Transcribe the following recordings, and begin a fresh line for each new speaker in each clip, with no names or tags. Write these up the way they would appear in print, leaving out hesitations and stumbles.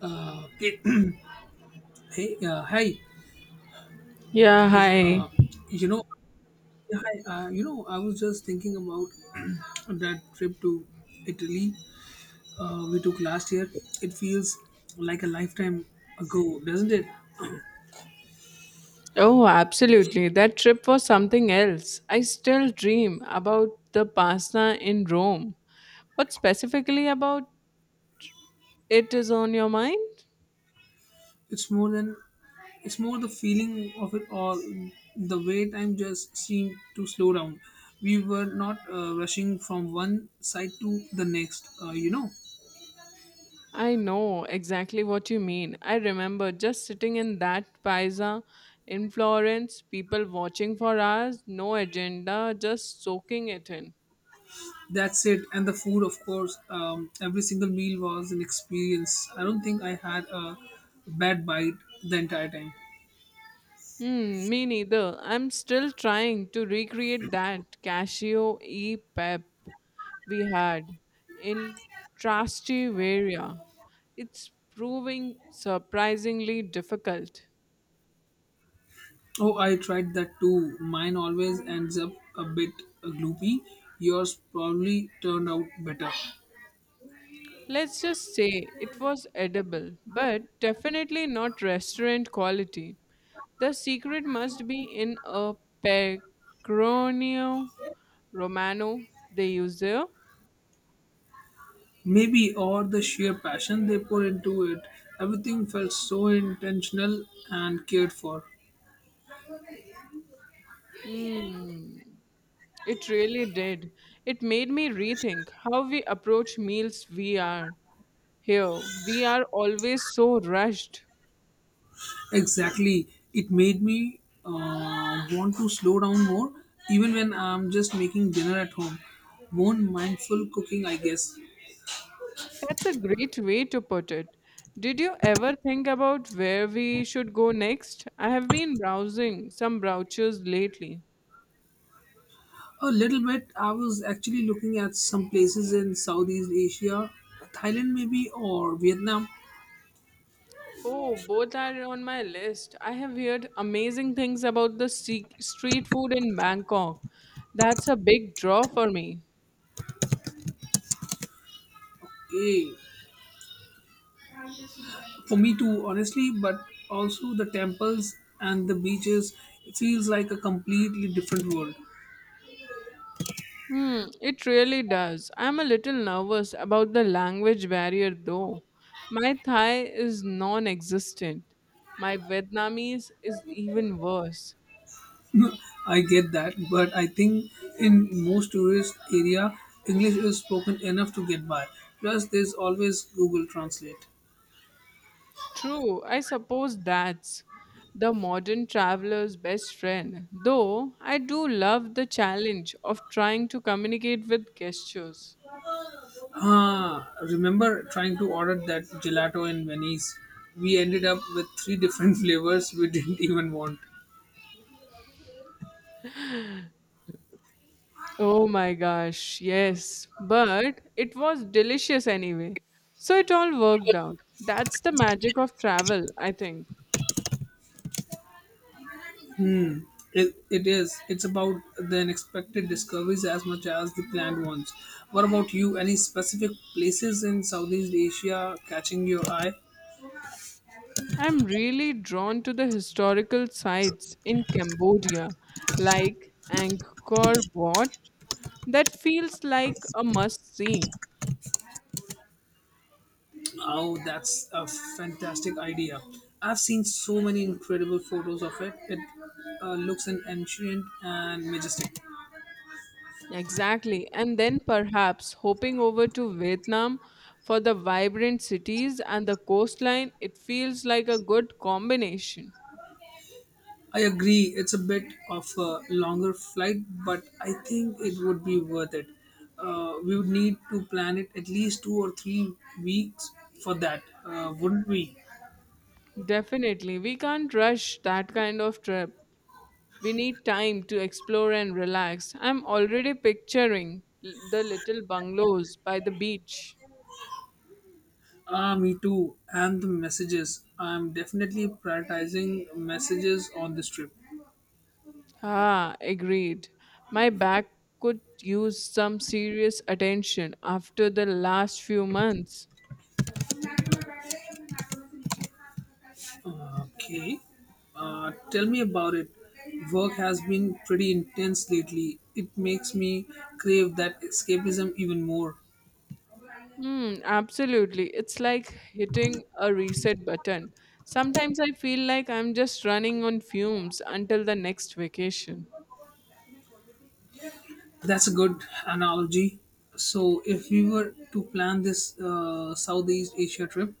Okay. Hey, hi.
Yeah,
Is,
hi.
uh, you know, I was just thinking about that trip to Italy we took last year. It feels like a lifetime ago, doesn't it?
Oh, absolutely. That trip was something else. I still dream about the pasta in Rome. What specifically about it is on your mind?
It's more than. It's more the feeling of it all. The way time just seemed to slow down. We were not rushing from one side to the next.
I know exactly what you mean. I remember just sitting in that paisa in Florence, people watching for hours, no agenda, just soaking it in.
That's it. And the food, of course, every single meal was an experience. I don't think I had a bad bite the entire time.
Me neither. I'm still trying to recreate that Casio E Pep we had in Trastivaria. It's proving surprisingly difficult.
Oh, I tried that too. Mine always ends up a bit gloopy. Yours probably turned out better.
Let's just say it was edible, but definitely not restaurant quality. The secret must be in a pecorino romano they use there.
Maybe, or the sheer passion they put into it. Everything felt so intentional and cared for.
Hmm. It really did. It made me rethink how we approach meals we are here. We are always so rushed.
Exactly. It made me want to slow down more, even when I'm just making dinner at home. More mindful cooking, I guess.
That's a great way to put it. Did you ever think about where we should go next? I have been browsing some brochures lately.
A little bit. I was actually looking at some places in Southeast Asia, Thailand maybe, or Vietnam.
Oh, both are on my list. I have heard amazing things about the street food in Bangkok. That's a big draw for me.
Eh, for me too, honestly, but also the temples and the beaches. It feels like a completely different world.
It really does. I'm a little nervous about the language barrier though. My Thai is non existent. My Vietnamese is even worse.
I get that, but I think in most tourist area, English is spoken enough to get by. Plus, there's always Google Translate.
True, I suppose that's the modern traveler's best friend. Though I do love the challenge of trying to communicate with gestures.
Ah, remember trying to order that gelato in Venice? We ended up with three different flavors we didn't even want.
Oh my gosh, yes. But it was delicious anyway. So it all worked out. That's the magic of travel, I think.
It is. It's about the unexpected discoveries as much as the planned ones. What about you? Any specific places in Southeast Asia catching your eye?
I'm really drawn to the historical sites in Cambodia, like Angkor Wat. That feels like a must see.
Oh, that's a fantastic idea. I've seen so many incredible photos of it. It looks an ancient and majestic.
Exactly. And then perhaps hopping over to Vietnam for the vibrant cities and the coastline, it feels like a good combination.
I agree, it's a bit of a longer flight, but I think it would be worth it. We would need to plan it at least 2 or 3 weeks for that, wouldn't we?
Definitely. We can't rush that kind of trip. We need time to explore and relax. I'm already picturing the little bungalows by the beach.
Ah, me too. And the messages. I'm definitely prioritizing messages on this trip.
Ah, agreed. My back could use some serious attention after the last few months.
Okay. Tell me about it. Work has been pretty intense lately. It makes me crave that escapism even more.
Absolutely. It's like hitting a reset button. Sometimes I feel like I'm just running on fumes until the next vacation.
That's a good analogy. So, if we were to plan this Southeast Asia trip,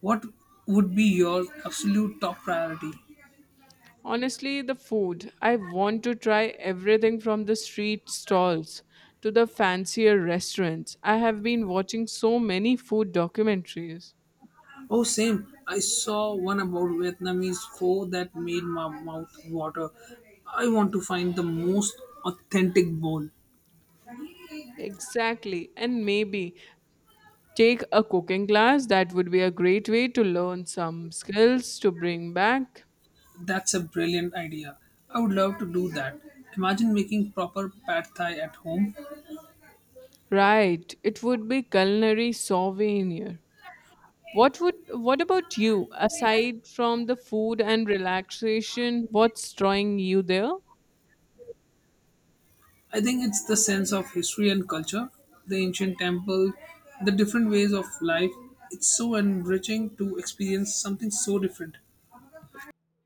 what would be your absolute top priority?
Honestly, the food. I want to try everything from the street stalls to the fancier restaurants. I have been watching so many food documentaries.
Oh, same. I saw one about Vietnamese pho that made my mouth water. I want to find the most authentic bowl.
Exactly. And maybe take a cooking class. That would be a great way to learn some skills to bring back.
That's a brilliant idea. I would love to do that. Imagine making proper pad thai at home.
Right, it would be culinary souvenir. What about you? Aside from the food and relaxation, what's drawing you there?
I think it's the sense of history and culture, the ancient temple, the different ways of life. It's so enriching to experience something so different.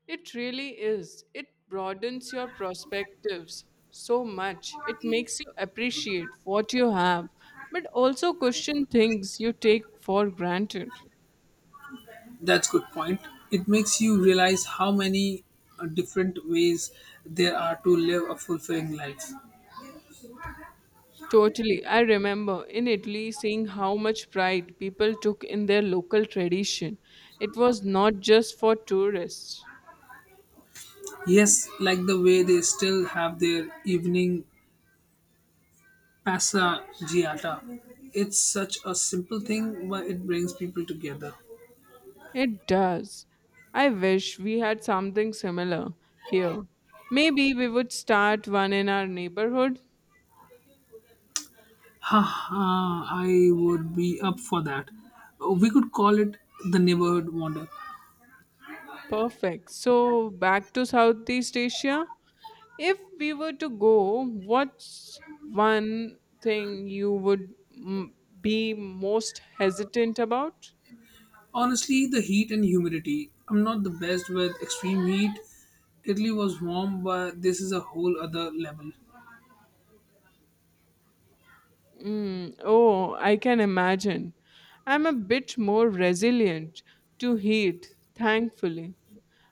It really is. It broadens your perspectives so much. It makes you appreciate what you have, but also question things you take for granted.
That's good point. It makes you realize how many different ways there are to live a fulfilling life.
Totally. I remember in Italy seeing how much pride people took in their local tradition. It was not just for tourists.
Yes, like the way they still have their evening Passaggiata. It's such a simple thing, but it brings people together.
It does. I wish we had something similar here. Maybe we would start one in our neighborhood.
Ha ha! I would be up for that. We could call it the neighborhood wander.
Perfect. So, back to Southeast Asia. If we were to go, what's one thing you would be most hesitant about?
Honestly, the heat and humidity. I'm not the best with extreme heat. Italy was warm, but this is a whole other level.
Mm, oh, I can imagine. I'm a bit more resilient to heat, thankfully.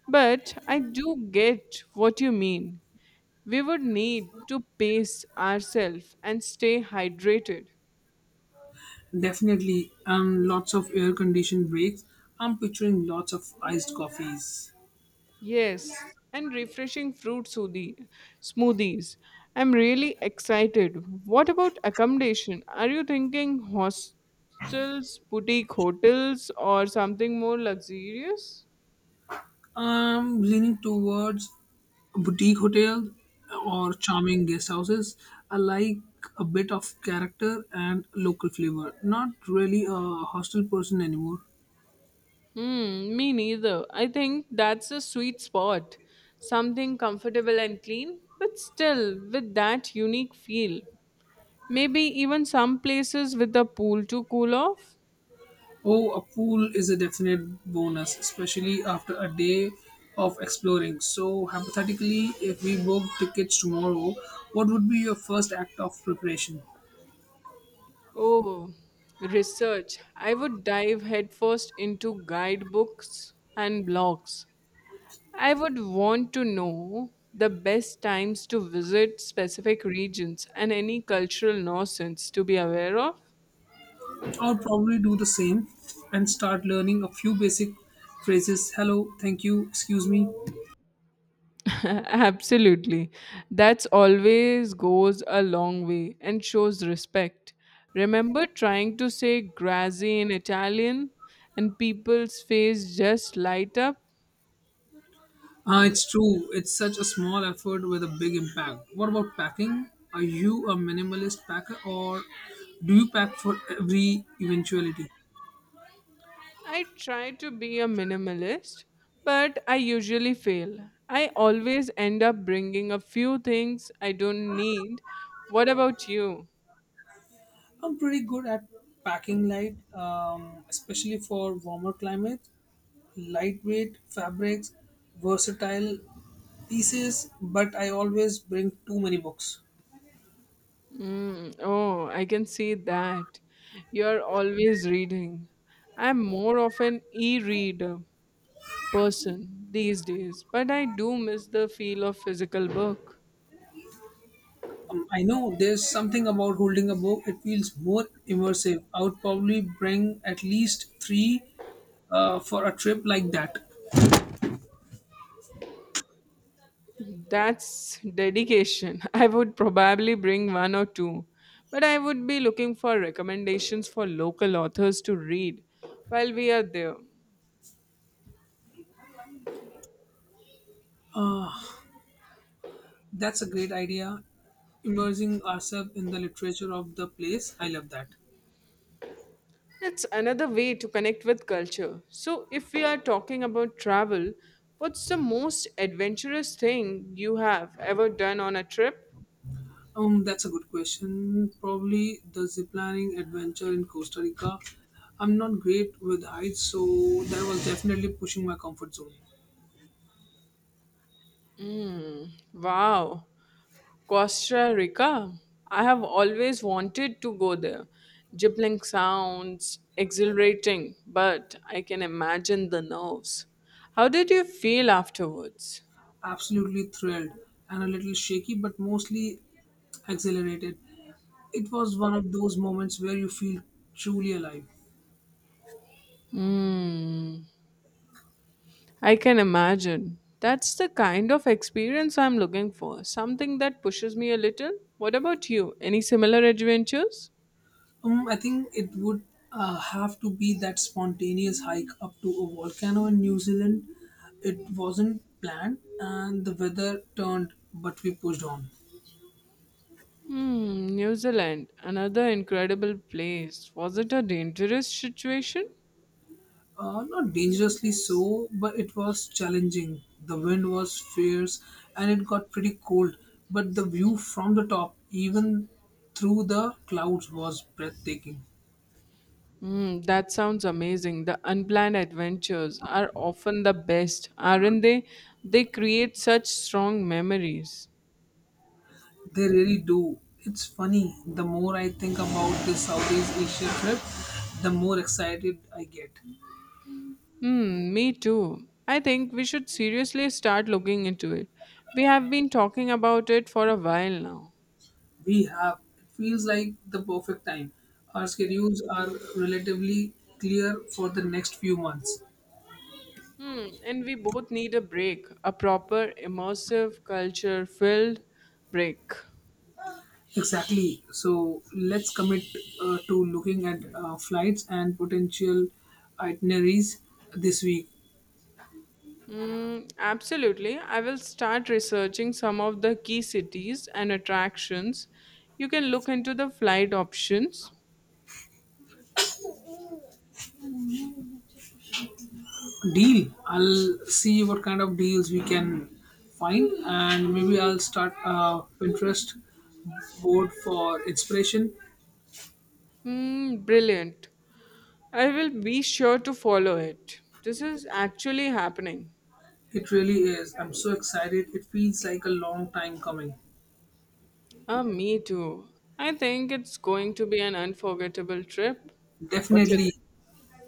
But I do get what you mean. We would need to pace ourselves and stay hydrated.
Definitely, lots of air conditioned breaks. I'm picturing lots of iced coffees.
Yes, and refreshing fruit smoothies. I'm really excited. What about accommodation? Are you thinking hostels, boutique hotels, or something more luxurious?
I'm leaning towards a boutique hotel or charming guest houses. I like a bit of character and local flavor. Not really a hostel person anymore.
Hmm. Me neither. I think that's a sweet spot. Something comfortable and clean, but still with that unique feel. Maybe even some places with a pool to cool off.
Oh, a pool is a definite bonus, especially after a day of exploring. So, hypothetically, if we book tickets tomorrow, what would be your first act of preparation?
Oh, research. I would dive headfirst into guidebooks and blogs. I would want to know the best times to visit specific regions and any cultural nonsense to be aware of.
I'll probably do the same and start learning a few basic phrases hello, thank you, excuse me.
Absolutely. That's always goes a long way and shows respect. Remember trying to say grazie in Italian and people's face just light up?
It's true. It's such a small effort with a big impact. What about packing? Are you a minimalist packer or do you pack for every eventuality?
I try to be a minimalist, but I usually fail. I always end up bringing a few things I don't need. What about you?
I'm pretty good at packing light, especially for warmer climates. Lightweight fabrics, versatile pieces, but I always bring too many books.
Oh, I can see that. You're always reading. I'm more of an e reader person these days, but I do miss the feel of physical work.
I know there's something about holding a book, it feels more immersive. I would probably bring at least three for a trip like that.
That's dedication. I would probably bring one or two, but I would be looking for recommendations for local authors to read while we are there.
That's a great idea. Immersing ourselves in the literature of the place. I love that.
It's another way to connect with culture. So, if we are talking about travel, what's the most adventurous thing you have ever done on a trip?
That's a good question. Probably the ziplining adventure in Costa Rica. I'm not great with heights, so that was definitely pushing my comfort zone.
Wow, Costa Rica. I have always wanted to go there. Jibbling sounds exhilarating, but I can imagine the nerves. How did you feel afterwards?
Absolutely thrilled and a little shaky, but mostly exhilarated. It was one of those moments where you feel truly alive.
Hmm, I can imagine. That's the kind of experience I'm looking for. Something that pushes me a little. What about you? Any similar adventures?
I think it would have to be that spontaneous hike up to a volcano in New Zealand. It wasn't planned, and the weather turned, but we pushed on.
New Zealand, another incredible place. Was it a dangerous situation?
Not dangerously so, but it was challenging. The wind was fierce, and it got pretty cold. But the view from the top, even through the clouds, was breathtaking.
That sounds amazing. The unplanned adventures are often the best, aren't they? They create such strong memories.
They really do. It's funny, the more I think about this Southeast Asia trip, the more excited I get.
Me too. I think we should seriously start looking into it. We have been talking about it for a while now.
We have, it feels like the perfect time. Our schedules are relatively clear for the next few months.
And we both need a break, a proper, immersive, culture filled break.
Exactly. So let's commit to looking at flights and potential itineraries this week.
Absolutely. I will start researching some of the key cities and attractions. You can look into the flight options.
Deal. I'll see what kind of deals we can find, and maybe I'll start a Pinterest board for inspiration.
Brilliant. I will be sure to follow it. This is actually happening.
It really is. I'm so excited. It feels like a long time coming.
Ah, me too. I think it's going to be an unforgettable trip. What you
Definitely,
think?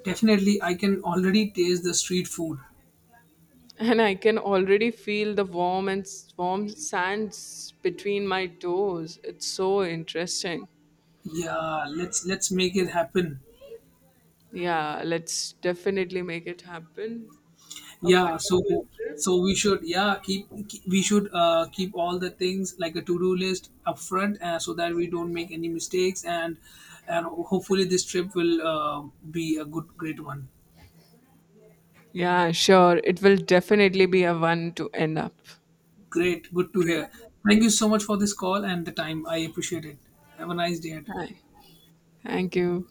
definitely. I can already taste the street food.
And I can already feel the warm sands between my toes. It's so interesting.
Yeah, let's make it happen.
Yeah, let's definitely make it happen. A
Yeah, so
wonderful trip.
so we should yeah keep, keep we should keep all the things like a to-do list upfront so that we don't make any mistakes, and hopefully this trip will be a good great one.
Yeah, sure. It will definitely be a one to end up.
Great, good to
Great.
hear. Thank you so much for this call and the time. I appreciate it. Have a nice day.
Hi. Thank you.